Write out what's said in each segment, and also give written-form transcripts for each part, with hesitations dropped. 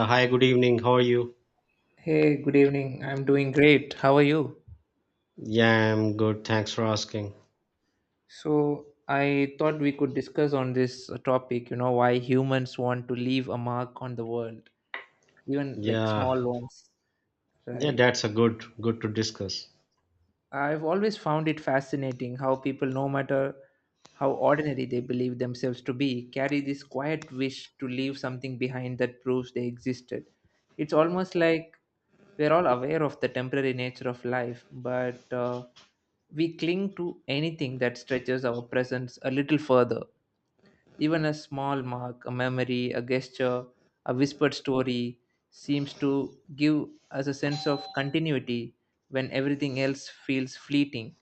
Hi, good evening. How are you? Hey, good evening. I'm doing great. How are you? Yeah, I'm good. Thanks for asking. So, I thought we could discuss on this topic, you know, why humans want to leave a mark on the world, even like Yeah, small ones, yeah, right? that's a good to discuss. I've always found it fascinating how people, no matter how ordinary they believe themselves to be, carry this quiet wish to leave something behind that proves they existed. It's almost like we're all aware of the temporary nature of life, but we cling to anything that stretches our presence a little further, even a small mark, a memory, a gesture, a whispered story seems to give us a sense of continuity when everything else feels fleeting.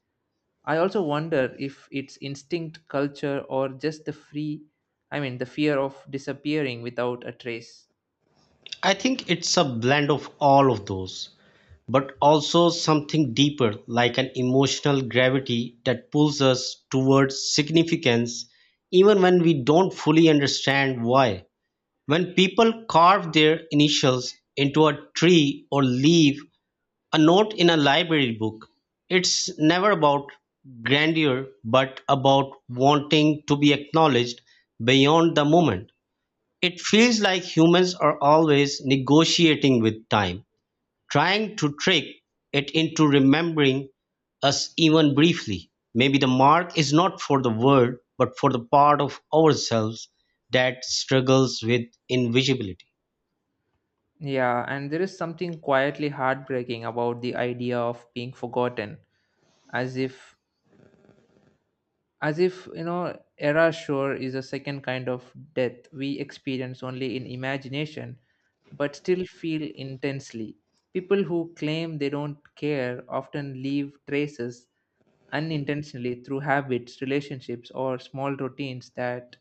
I also wonder if it's instinct, culture, or just the free, I mean, the fear of disappearing without a trace. I think it's a blend of all of those, but also something deeper, like an emotional gravity that pulls us towards significance, even when we don't fully understand why. When people carve their initials into a tree or leaf a note in a library book. It's never about grandeur, but about wanting to be acknowledged beyond the moment. It feels like humans are always negotiating with time, trying to trick it into remembering us even briefly. Maybe the mark is not for the word, but for the part of ourselves that struggles with invisibility. Yeah, and there is something quietly heartbreaking about the idea of being forgotten, as if as if you know era sure is a second kind of death we experience only in imagination but still feel intensely. People who claim they don't care often leave traces unintentionally through habits, relationships, or small routines that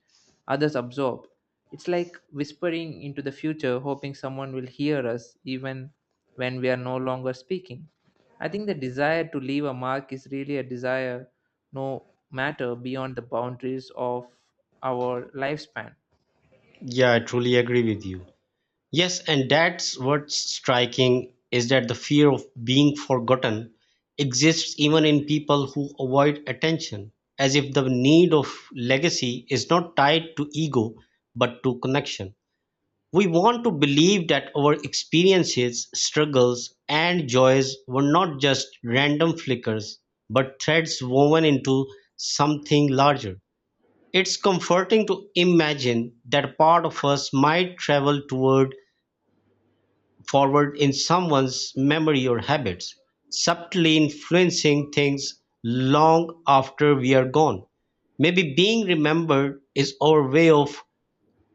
others absorb. It's like whispering into the future, hoping someone will hear us even when we are no longer speaking. I think the desire to leave a mark is really a desire no matter beyond the boundaries of our lifespan. Yeah, I truly agree with you. Yes, and that's what's striking is that the fear of being forgotten exists even in people who avoid attention, as if the need of legacy is not tied to ego but to connection. We want to believe that our experiences, struggles, and joys were not just random flickers but threads woven into something larger. It's comforting to imagine that part of us might travel toward forward in someone's memory or habits, subtly influencing things long after we are gone. Maybe being remembered is our way of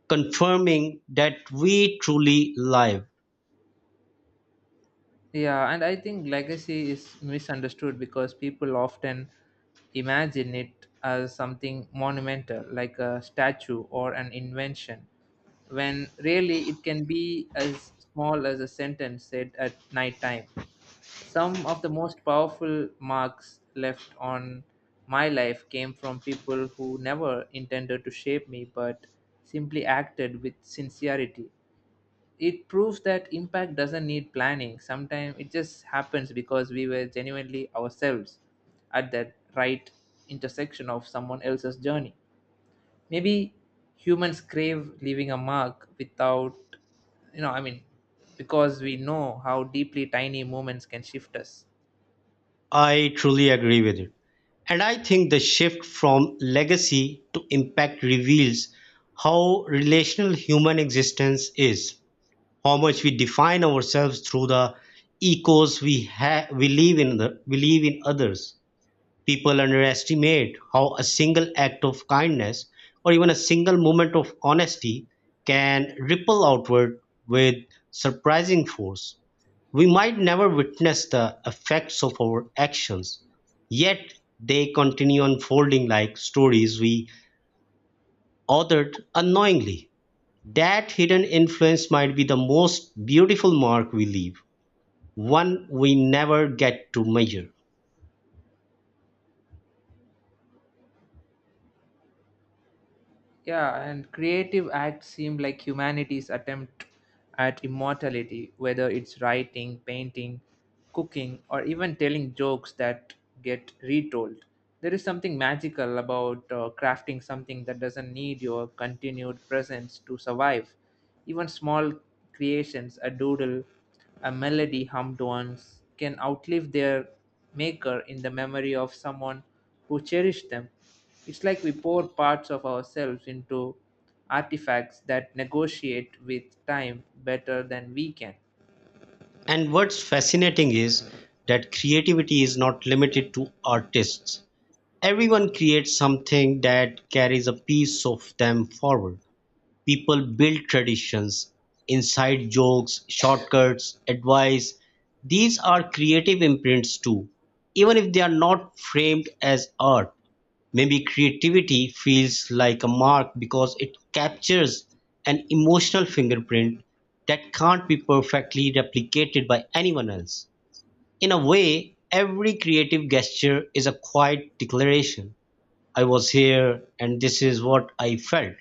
confirming that we truly live. Yeah, and I think legacy is misunderstood because people often imagine it as something monumental, like a statue or an invention, when really it can be as small as a sentence said at night time. Some of the most powerful marks left on my life came from people who never intended to shape me but simply acted with sincerity. It proves that impact doesn't need planning. Sometimes it just happens because we were genuinely ourselves at that right intersection of someone else's journey. Maybe humans crave leaving a mark without, I mean, because we know how deeply tiny moments can shift us. I truly agree with it. And I think the shift from legacy to impact reveals how relational human existence is, how much we define ourselves through the echoes we have we live in the we live in others. People underestimate how a single act of kindness or even a single moment of honesty can ripple outward with surprising force. We might never witness the effects of our actions, yet they continue unfolding like stories we authored unknowingly. That hidden influence might be the most beautiful mark we leave, one we never get to measure. Yeah, and creative acts seem like humanity's attempt at immortality, whether it's writing, painting, cooking, or even telling jokes that get retold. There is something magical about crafting something that doesn't need your continued presence to survive. Even small creations, a doodle, a melody hummed once, can outlive their maker in the memory of someone who cherish them. It's like we pour parts of ourselves into artifacts that negotiate with time better than we can. And what's fascinating is that creativity is not limited to artists. Everyone creates something that carries a piece of them forward. People build traditions, inside jokes, shortcuts, advice. These are creative imprints too, even if they are not framed as art. Maybe creativity feels like a mark because it captures an emotional fingerprint that can't be perfectly replicated by anyone else. In a way, every creative gesture is a quiet declaration I was here and this is what I felt.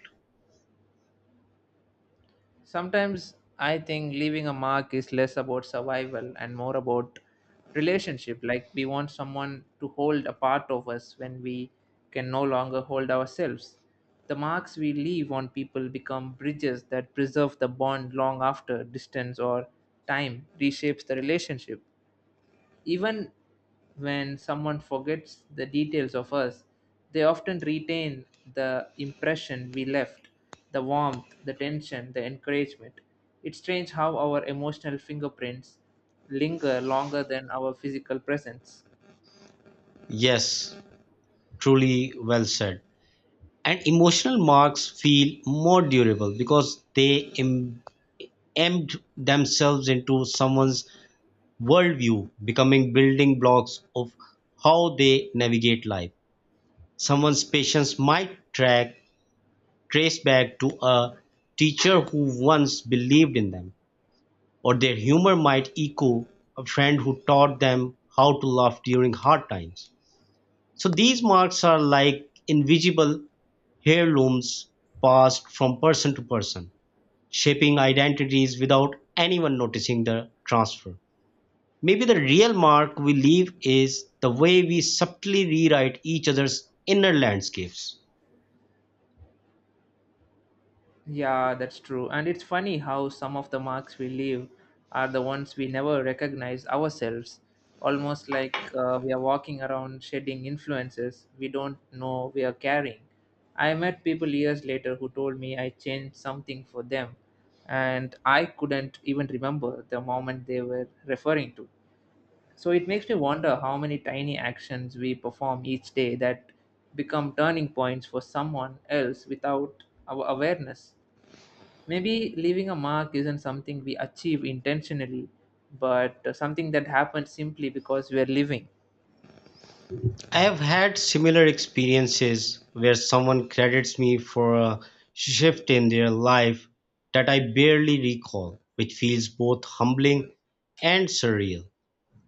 Sometimes I think leaving a mark is less about survival and more about relationship. Like we want someone to hold a part of us when we can no longer hold ourselves. The marks we leave on people become bridges that preserve the bond long after distance or time reshapes the relationship. Even when someone forgets the details of us, they often retain the impression we left: the warmth, the tension, the encouragement. It's strange how our emotional fingerprints linger longer than our physical presence. Yes, truly well said. And emotional marks feel more durable because they embed themselves into someone's worldview becoming building blocks of how they navigate life. Someone's patience might track trace back to a teacher who once believed in them, or their humor might echo a friend who taught them how to laugh during hard times. So these marks are like invisible heirlooms passed from person to person, shaping identities without anyone noticing the transfer. Maybe the real mark we leave is the way we subtly rewrite each other's inner landscapes. Yeah, that's true. And it's funny how some of the marks we leave are the ones we never recognize ourselves. Almost like we are walking around shedding influences we don't know we are carrying. I met people years later who told me I changed something for them, and I couldn't even remember the moment they were referring to. So it makes me wonder how many tiny actions we perform each day that become turning points for someone else without our awareness. Maybe leaving a mark isn't something we achieve intentionally, but something that happens simply because we're living. I have had similar experiences where someone credits me for a shift in their life that I barely recall, which feels both humbling and surreal.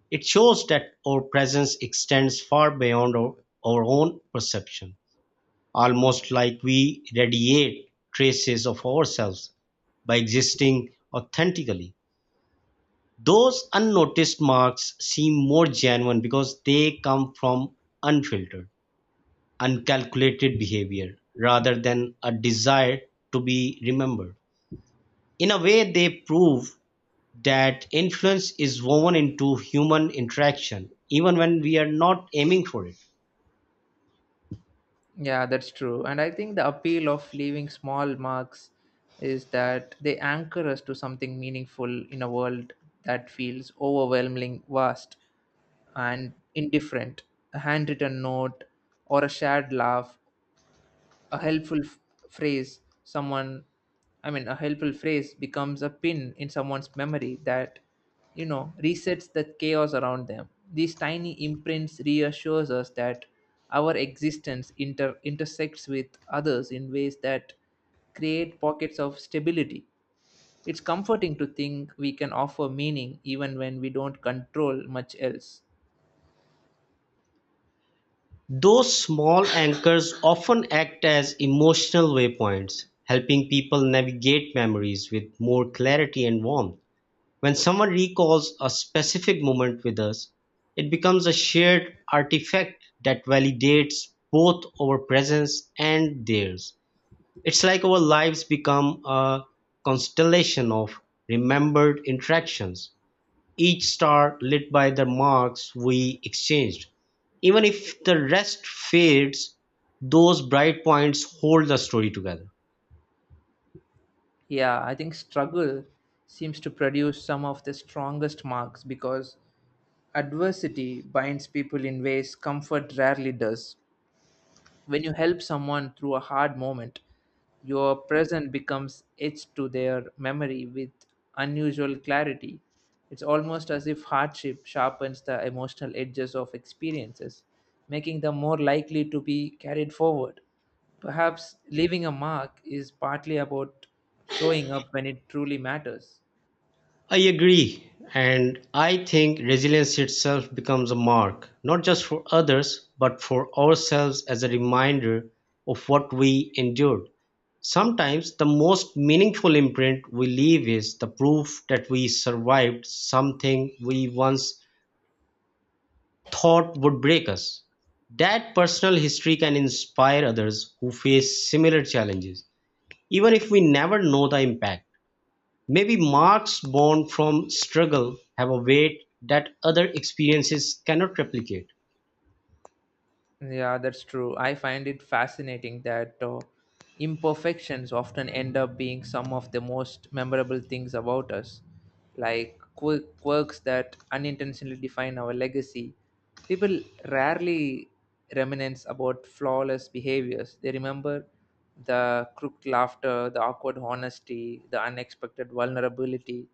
It shows that our presence extends far beyond our own perception, almost like we radiate traces of ourselves by existing authentically. Those unnoticed marks seem more genuine because they come from unfiltered, uncalculated behavior rather than a desire to be remembered. In a way, they prove that influence is woven into human interaction even when we are not aiming for it. Yeah, that's true. And I think the appeal of leaving small marks is that they anchor us to something meaningful in a world that feels overwhelming, vast, and indifferent. A handwritten note or a shared laugh, a helpful f- phrase someone, I mean, a helpful phrase, becomes a pin in someone's memory that, you know, resets the chaos around them. These tiny imprints reassures us that our existence intersects with others in ways that create pockets of stability. It's comforting to think we can offer meaning even when we don't control much else. Those small anchors often act as emotional waypoints, helping people navigate memories with more clarity and warmth. When someone recalls a specific moment with us, it becomes a shared artifact that validates both our presence and theirs. It's like our lives become a constellation of remembered interactions, each star lit by the marks we exchanged. Even if the rest fades, those bright points hold the story together. Yeah, I think struggle seems to produce some of the strongest marks because adversity binds people in ways comfort rarely does. When you help someone through a hard moment, your presence becomes etched to their memory with unusual clarity. It's almost as if hardship sharpens the emotional edges of experiences, making them more likely to be carried forward. Perhaps leaving a mark is partly about showing up when it truly matters. I agree. And I think resilience itself becomes a mark, not just for others, but for ourselves as a reminder of what we endured. Sometimes the most meaningful imprint we leave is the proof that we survived something we once thought would break us. That personal history can inspire others who face similar challenges, even if we never know the impact. Maybe marks born from struggle have a weight that other experiences cannot replicate. Yeah, that's true. I find it fascinating that imperfections often end up being some of the most memorable things about us, like quirks that unintentionally define our legacy. People rarely reminisce about flawless behaviors. They remember the crooked laughter, the awkward honesty, the unexpected vulnerability.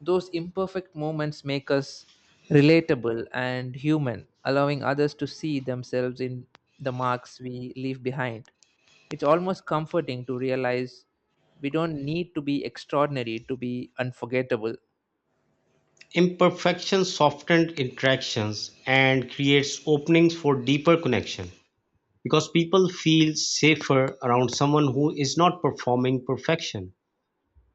Those imperfect moments make us relatable and human, allowing others to see themselves in the marks we leave behind. It's almost comforting to realize we don't need to be extraordinary to be unforgettable. Imperfection softens interactions and creates openings for deeper connection because people feel safer around someone who is not performing perfection.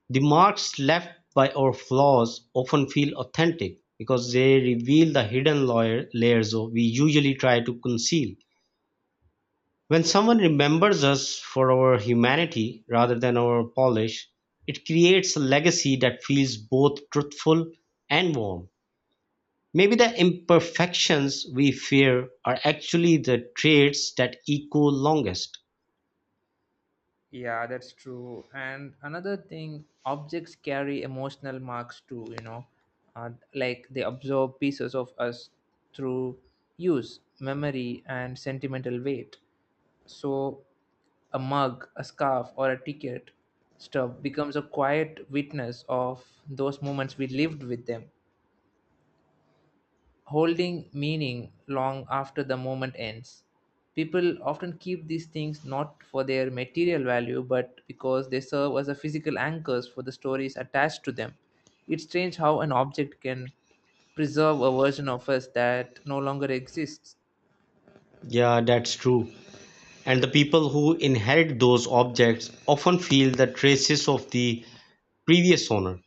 The marks left by our flaws often feel authentic because they reveal the layers we usually try to conceal. When someone remembers us for our humanity rather than our polish, it creates a legacy that feels both truthful and warm. Maybe the imperfections we fear are actually the traits that echo longest. Yeah, that's true. And another thing, objects carry emotional marks too, you know, like they absorb pieces of us through use, memory, and sentimental weight. So, a mug, a scarf, or a ticket stub becomes a quiet witness of those moments we lived with them, holding meaning long after the moment ends. People often keep these things not for their material value but because they serve as a physical anchors for the stories attached to them. It's strange how an object can preserve a version of us that no longer exists. Yeah, that's true. And the people who inherit those objects often feel the traces of the previous owner,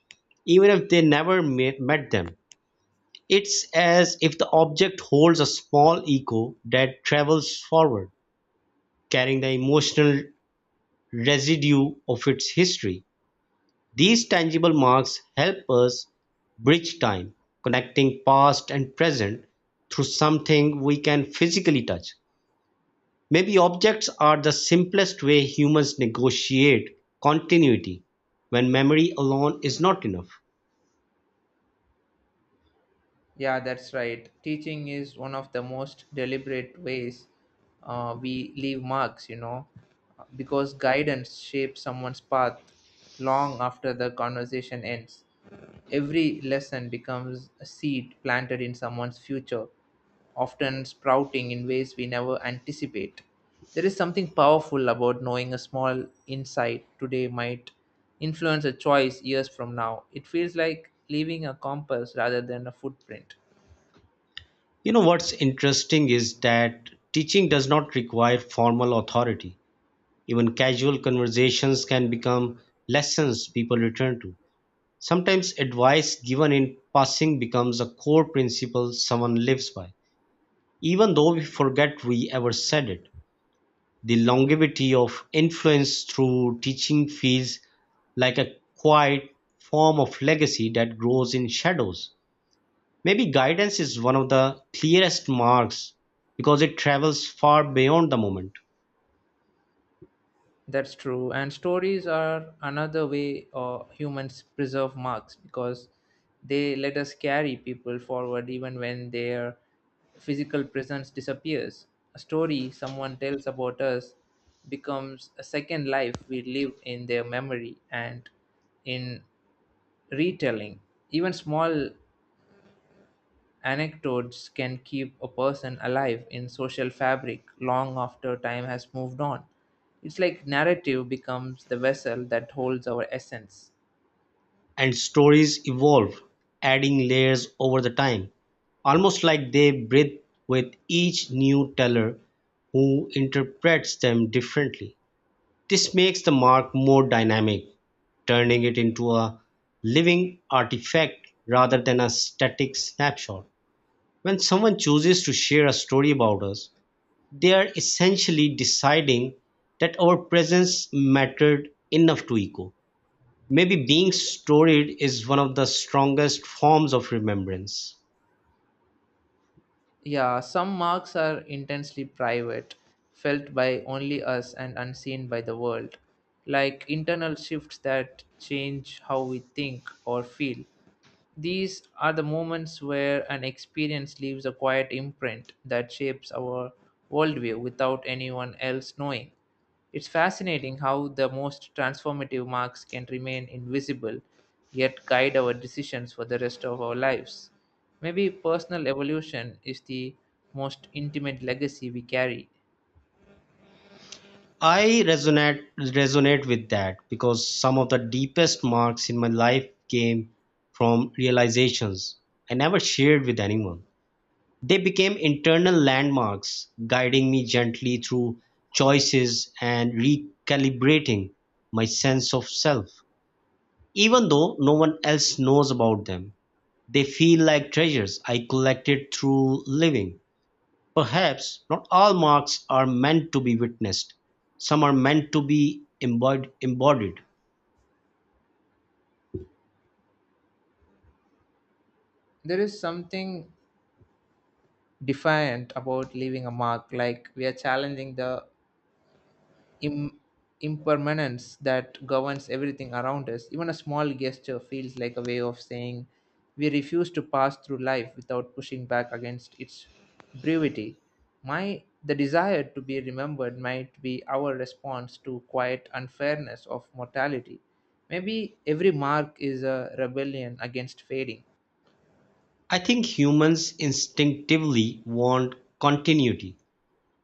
even if they never me- met them. It's as if the object holds a small echo that travels forward carrying the emotional residue of its history. These tangible marks help us bridge time, connecting past and present through something we can physically touch. Maybe objects are the simplest way humans negotiate continuity when memory alone is not enough. Yeah, that's right. Teaching is one of the most deliberate ways we leave marks, you know, because guidance shapes someone's path long after the conversation ends. Every lesson becomes a seed planted in someone's future, often sprouting in ways we never anticipate. There is something powerful about knowing a small insight today might influence a choice years from now. It feels like leaving a compass rather than a footprint. You know what's interesting is that teaching does not require formal authority. Even casual conversations can become lessons people return to. Sometimes advice given in passing becomes a core principle someone lives by, even though we forget we ever said it. The longevity of influence through teaching feels like a quiet form of legacy that grows in shadows. Maybe guidance is one of the clearest marks because it travels far beyond the moment. That's true. And stories are another way humans preserve marks because they let us carry people forward even when their physical presence disappears. A story someone tells about us becomes a second life we live in their memory and in retelling. Even small anecdotes can keep a person alive in social fabric long after time has moved on. It's like narrative becomes the vessel that holds our essence. And stories evolve, adding layers over the time, almost like they breathe with each new teller who interprets them differently. This makes the mark more dynamic, turning it into a living artifact rather than a static snapshot. When someone chooses to share a story about us, they are essentially deciding that our presence mattered enough to echo. Maybe being storied is one of the strongest forms of remembrance. Yeah, some marks are intensely private, felt by only us and unseen by the world, like internal shifts that change how we think or feel. These are the moments where an experience leaves a quiet imprint that shapes our worldview without anyone else knowing. It's fascinating how the most transformative marks can remain invisible yet guide our decisions for the rest of our lives. Maybe personal evolution is the most intimate legacy we carry. I resonate with that because some of the deepest marks in my life came from realizations I never shared with anyone. They became internal landmarks, guiding me gently through choices and recalibrating my sense of self. Even though no one else knows about them, they feel like treasures I collected through living. Perhaps not all marks are meant to be witnessed; some are meant to be embodied. There is something defiant about leaving a mark, like we are challenging the Im- impermanence that governs everything around us. Even a small gesture feels like a way of saying we refuse to pass through life without pushing back against its brevity. My the desire to be remembered might be our response to quiet unfairness of mortality. Maybe every mark is a rebellion against fading. I think humans instinctively want continuity,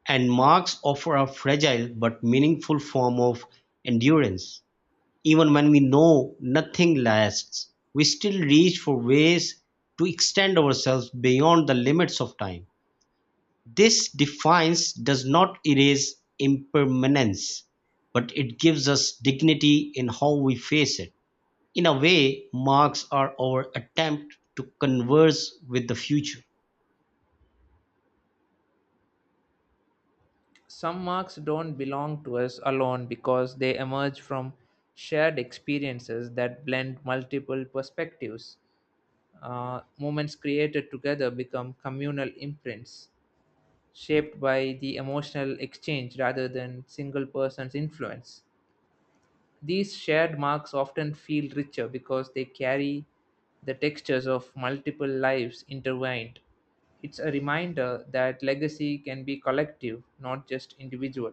and marks offer a fragile but meaningful form of endurance. Even when we know nothing lasts, we still reach for ways to extend ourselves beyond the limits of time. This defines does not erase impermanence, but it gives us dignity in how we face it. In a way, marks are our attempt to converse with the future. Some marks don't belong to us alone because they emerge from shared experiences that blend multiple perspectives. Moments created together become communal imprints shaped by the emotional exchange rather than single person's influence. These shared marks often feel richer because they carry the textures of multiple lives intertwined. It's a reminder that legacy can be collective, not just individual.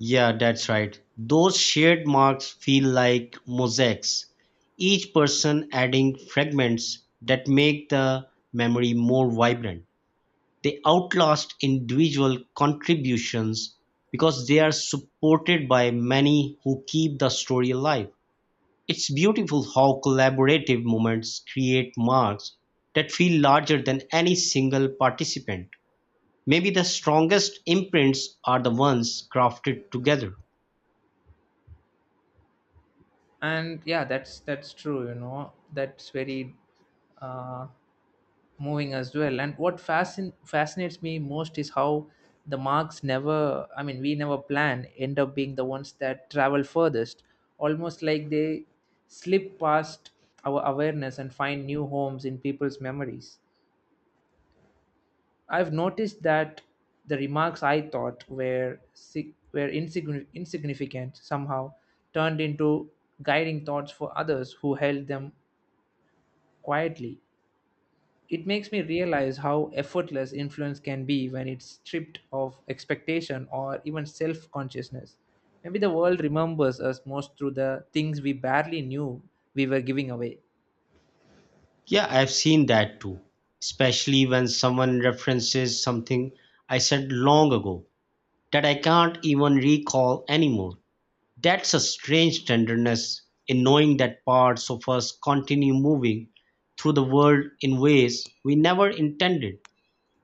Yeah, that's right. Those shared marks feel like mosaics, each person adding fragments that make the memory more vibrant. They outlast individual contributions because they are supported by many who keep the story alive. It's beautiful how collaborative moments create marks that feel larger than any single participant. Maybe the strongest imprints are the ones crafted together. And yeah, that's true. You know, that's very uh, moving as well. And what fascinates me most is how the marks never, I mean, we never plan end up being the ones that travel furthest, almost like they slip past our awareness and find new homes in people's memories. I've noticed that the remarks I thought were insignificant somehow turned into guiding thoughts for others who held them quietly. It makes me realize how effortless influence can be when it's stripped of expectation or even self consciousness. Maybe the world remembers us most through the things we barely knew we were giving away. Yeah, I've seen that too. Especially when someone references something I said long ago that I can't even recall anymore. That's a strange tenderness in knowing that parts of us continue moving through the world in ways we never intended.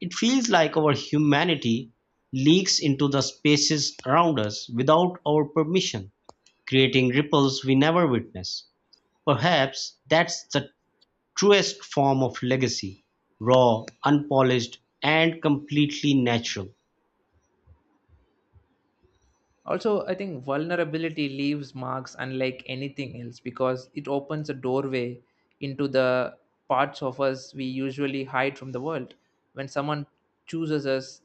It feels like our humanity leaks into the spaces around us without our permission, creating ripples we never witness. Perhaps that's the truest form of legacy raw, unpolished, and completely natural. Also, I think vulnerability leaves marks unlike anything else because it opens a doorway into the parts of us we usually hide from the world. When someone chooses us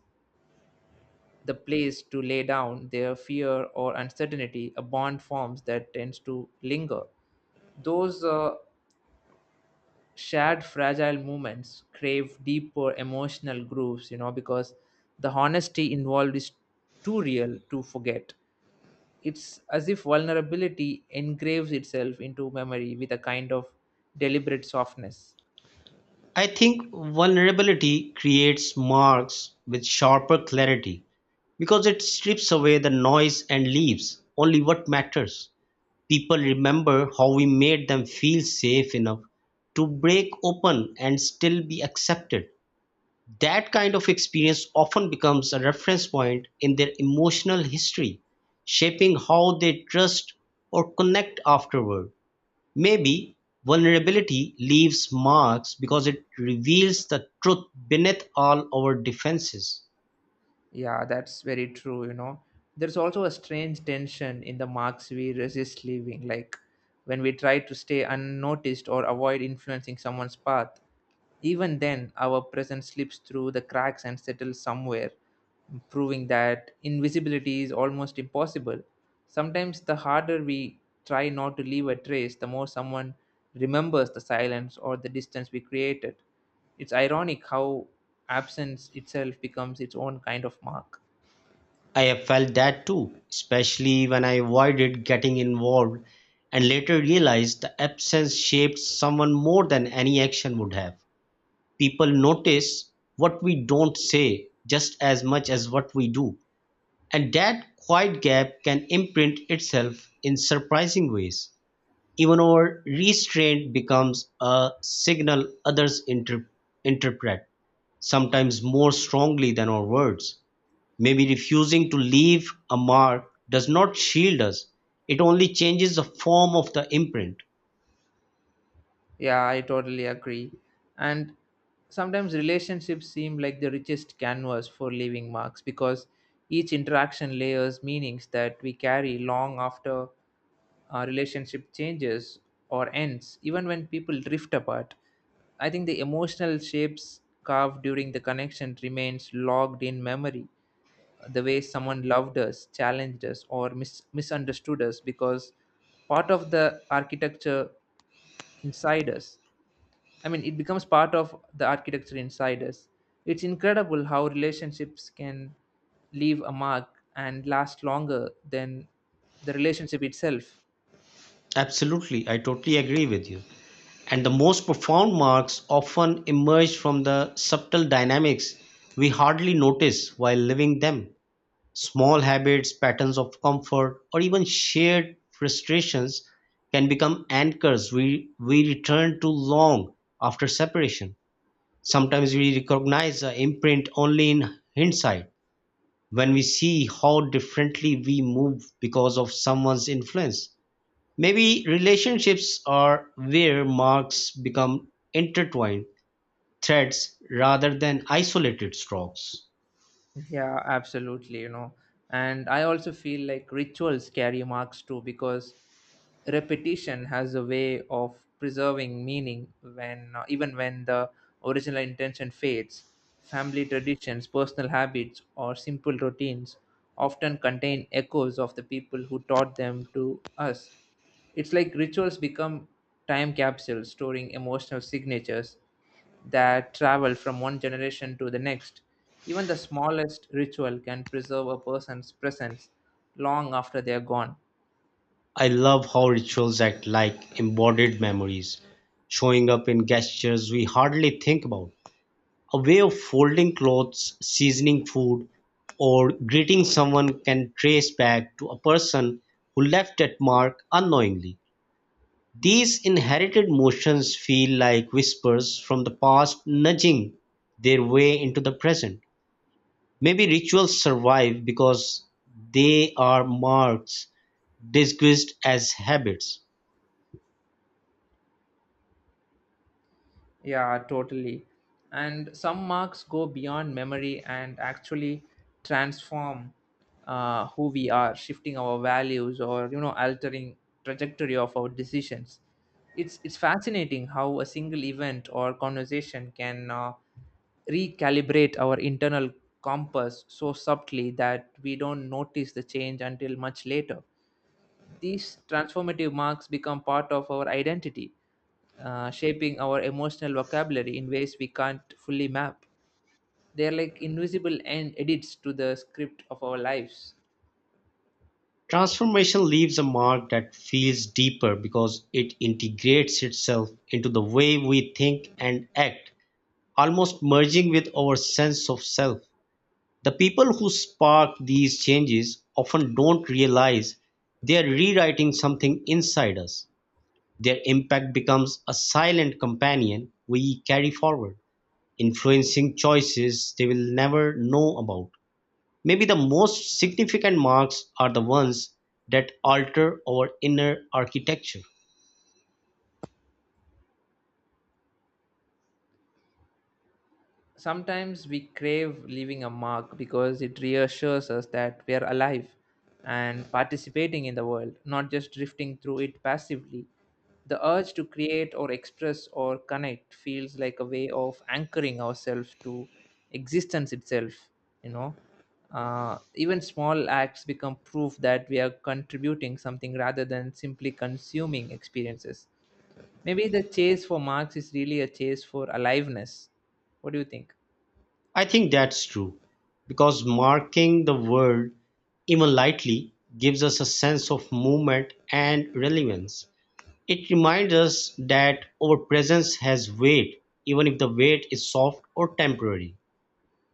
the place to lay down their fear or uncertainty, a bond forms that tends to linger. Those shared fragile moments crave deeper emotional grooves, you know, because the honesty involved is too real to forget. It's as if vulnerability engraves itself into memory with a kind of deliberate softness. I think vulnerability creates marks with sharper clarity because it strips away the noise and leaves only what matters. People remember how we made them feel safe enough to break open and still be accepted. That kind of experience often becomes a reference point in their emotional history, shaping how they trust or connect afterward. Maybe vulnerability leaves marks because it reveals the truth beneath all our defenses. Yeah, that's very true, you know. There's also a strange tension in the marks we resist leaving, like when we try to stay unnoticed or avoid influencing someone's path. Even then, our presence slips through the cracks and settles somewhere, proving that invisibility is almost impossible. Sometimes, the harder we try not to leave a trace, the more someone remembers the silence or the distance we created. It's ironic how absence itself becomes its own kind of mark. I have felt that too, especially when I avoided getting involved and later realized the absence shaped someone more than any action would have. People notice what we don't say just as much as what we do, and that quiet gap can imprint itself in surprising ways. Even our restraint becomes a signal others interpret, sometimes more strongly than our words. Maybe refusing to leave a mark does not shield us, it only changes the form of the imprint. Yeah, I totally agree. And sometimes relationships seem like the richest canvas for leaving marks because each interaction layers meanings that we carry long after our relationship changes or ends, even when people drift apart. I think the emotional shapes carved during the connection remains logged in memory, the way someone loved us, challenged us, or misunderstood us because part of the architecture inside us. I mean, it becomes part of the architecture inside us. It's incredible how relationships can leave a mark and last longer than the relationship itself. Absolutely, I totally agree with you. And the most profound marks often emerge from the subtle dynamics we hardly notice while living them. Small habits, patterns of comfort, or even shared frustrations can become anchors we return to long after separation. Sometimes we recognize the imprint only in hindsight when we see how differently we move because of someone's influence. Maybe relationships are where marks become intertwined threads rather than isolated strokes. Yeah, absolutely, you know. And I also feel like rituals carry marks too because repetition has a way of preserving meaning when even when the original intention fades. Family traditions, personal habits, or simple routines often contain echoes of the people who taught them to us. It's like rituals become time capsules storing emotional signatures that travel from one generation to the next. Even the smallest ritual can preserve a person's presence long after they are gone. I love how rituals act like embodied memories, showing up in gestures we hardly think about. A way of folding clothes, seasoning food, or greeting someone can trace back to a person who left that mark unknowingly. These inherited motions feel like whispers from the past nudging their way into the present. Maybe rituals survive because they are marks disguised as habits. Yeah, totally. And some marks go beyond memory and actually transform who we are, shifting our values or you know altering trajectory of our decisions. It's fascinating how a single event or conversation can recalibrate our internal compass so subtly that we don't notice the change until much later. These transformative marks become part of our identity, shaping our emotional vocabulary in ways we can't fully map. They are like invisible end edits to the script of our lives. Transformation leaves a mark that feels deeper because it integrates itself into the way we think and act, almost merging with our sense of self. The people who spark these changes often don't realize they're rewriting something inside us. Their impact becomes a silent companion we carry forward, influencing choices they will never know about. Maybe the most significant marks are the ones that alter our inner architecture. Sometimes we crave leaving a mark because it reassures us that we are alive and participating in the world, not just drifting through it passively. The urge to create or express or connect feels like a way of anchoring ourselves to existence itself, you know. Even small acts become proof that we are contributing something rather than simply consuming experiences. Maybe the chase for marks is really a chase for aliveness. What do you think? I think that's true, because marking the world even lightly gives us a sense of movement and relevance. It reminds us that our presence has weight, even if the weight is soft or temporary.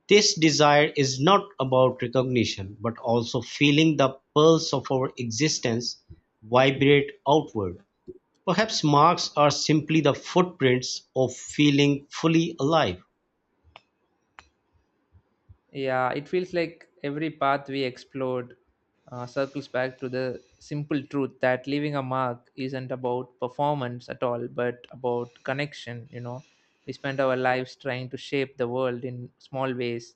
This desire is not about recognition, but also feeling the pulse of our existence vibrate outward. Perhaps marks are simply the footprints of feeling fully alive. Yeah, it feels like every path we explored circles back to the simple truth that leaving a mark isn't about performance at all, but about connection. You know, we spend our lives trying to shape the world in small ways,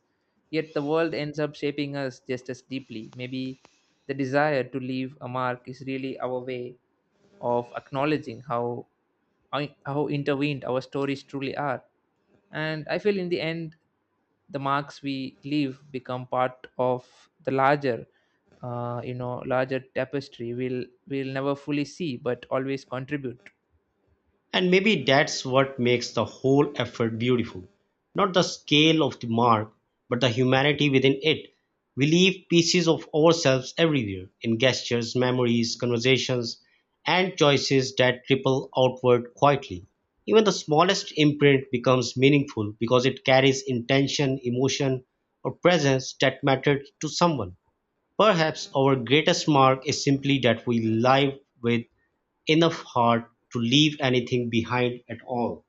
yet the world ends up shaping us just as deeply. Maybe the desire to leave a mark is really our way of acknowledging how intervened our stories truly are, and I feel in the end the marks we leave become part of the larger, you know, larger tapestry we'll never fully see but always contribute. And maybe that's what makes the whole effort beautiful. Not the scale of the mark, but the humanity within it. We leave pieces of ourselves everywhere in gestures, memories, conversations, and choices that ripple outward quietly. Even the smallest imprint becomes meaningful because it carries intention, emotion, or presence that mattered to someone. Perhaps our greatest mark is simply that we live with enough heart to leave anything behind at all.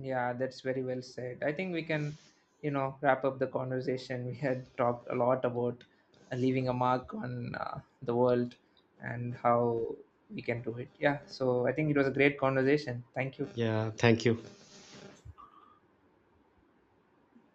Yeah, that's very well said. I think we can, you know, wrap up the conversation. We had talked a lot about leaving a mark on the world and how we can do it. Yeah, so I think it was a great conversation. Thank you. Yeah, thank you.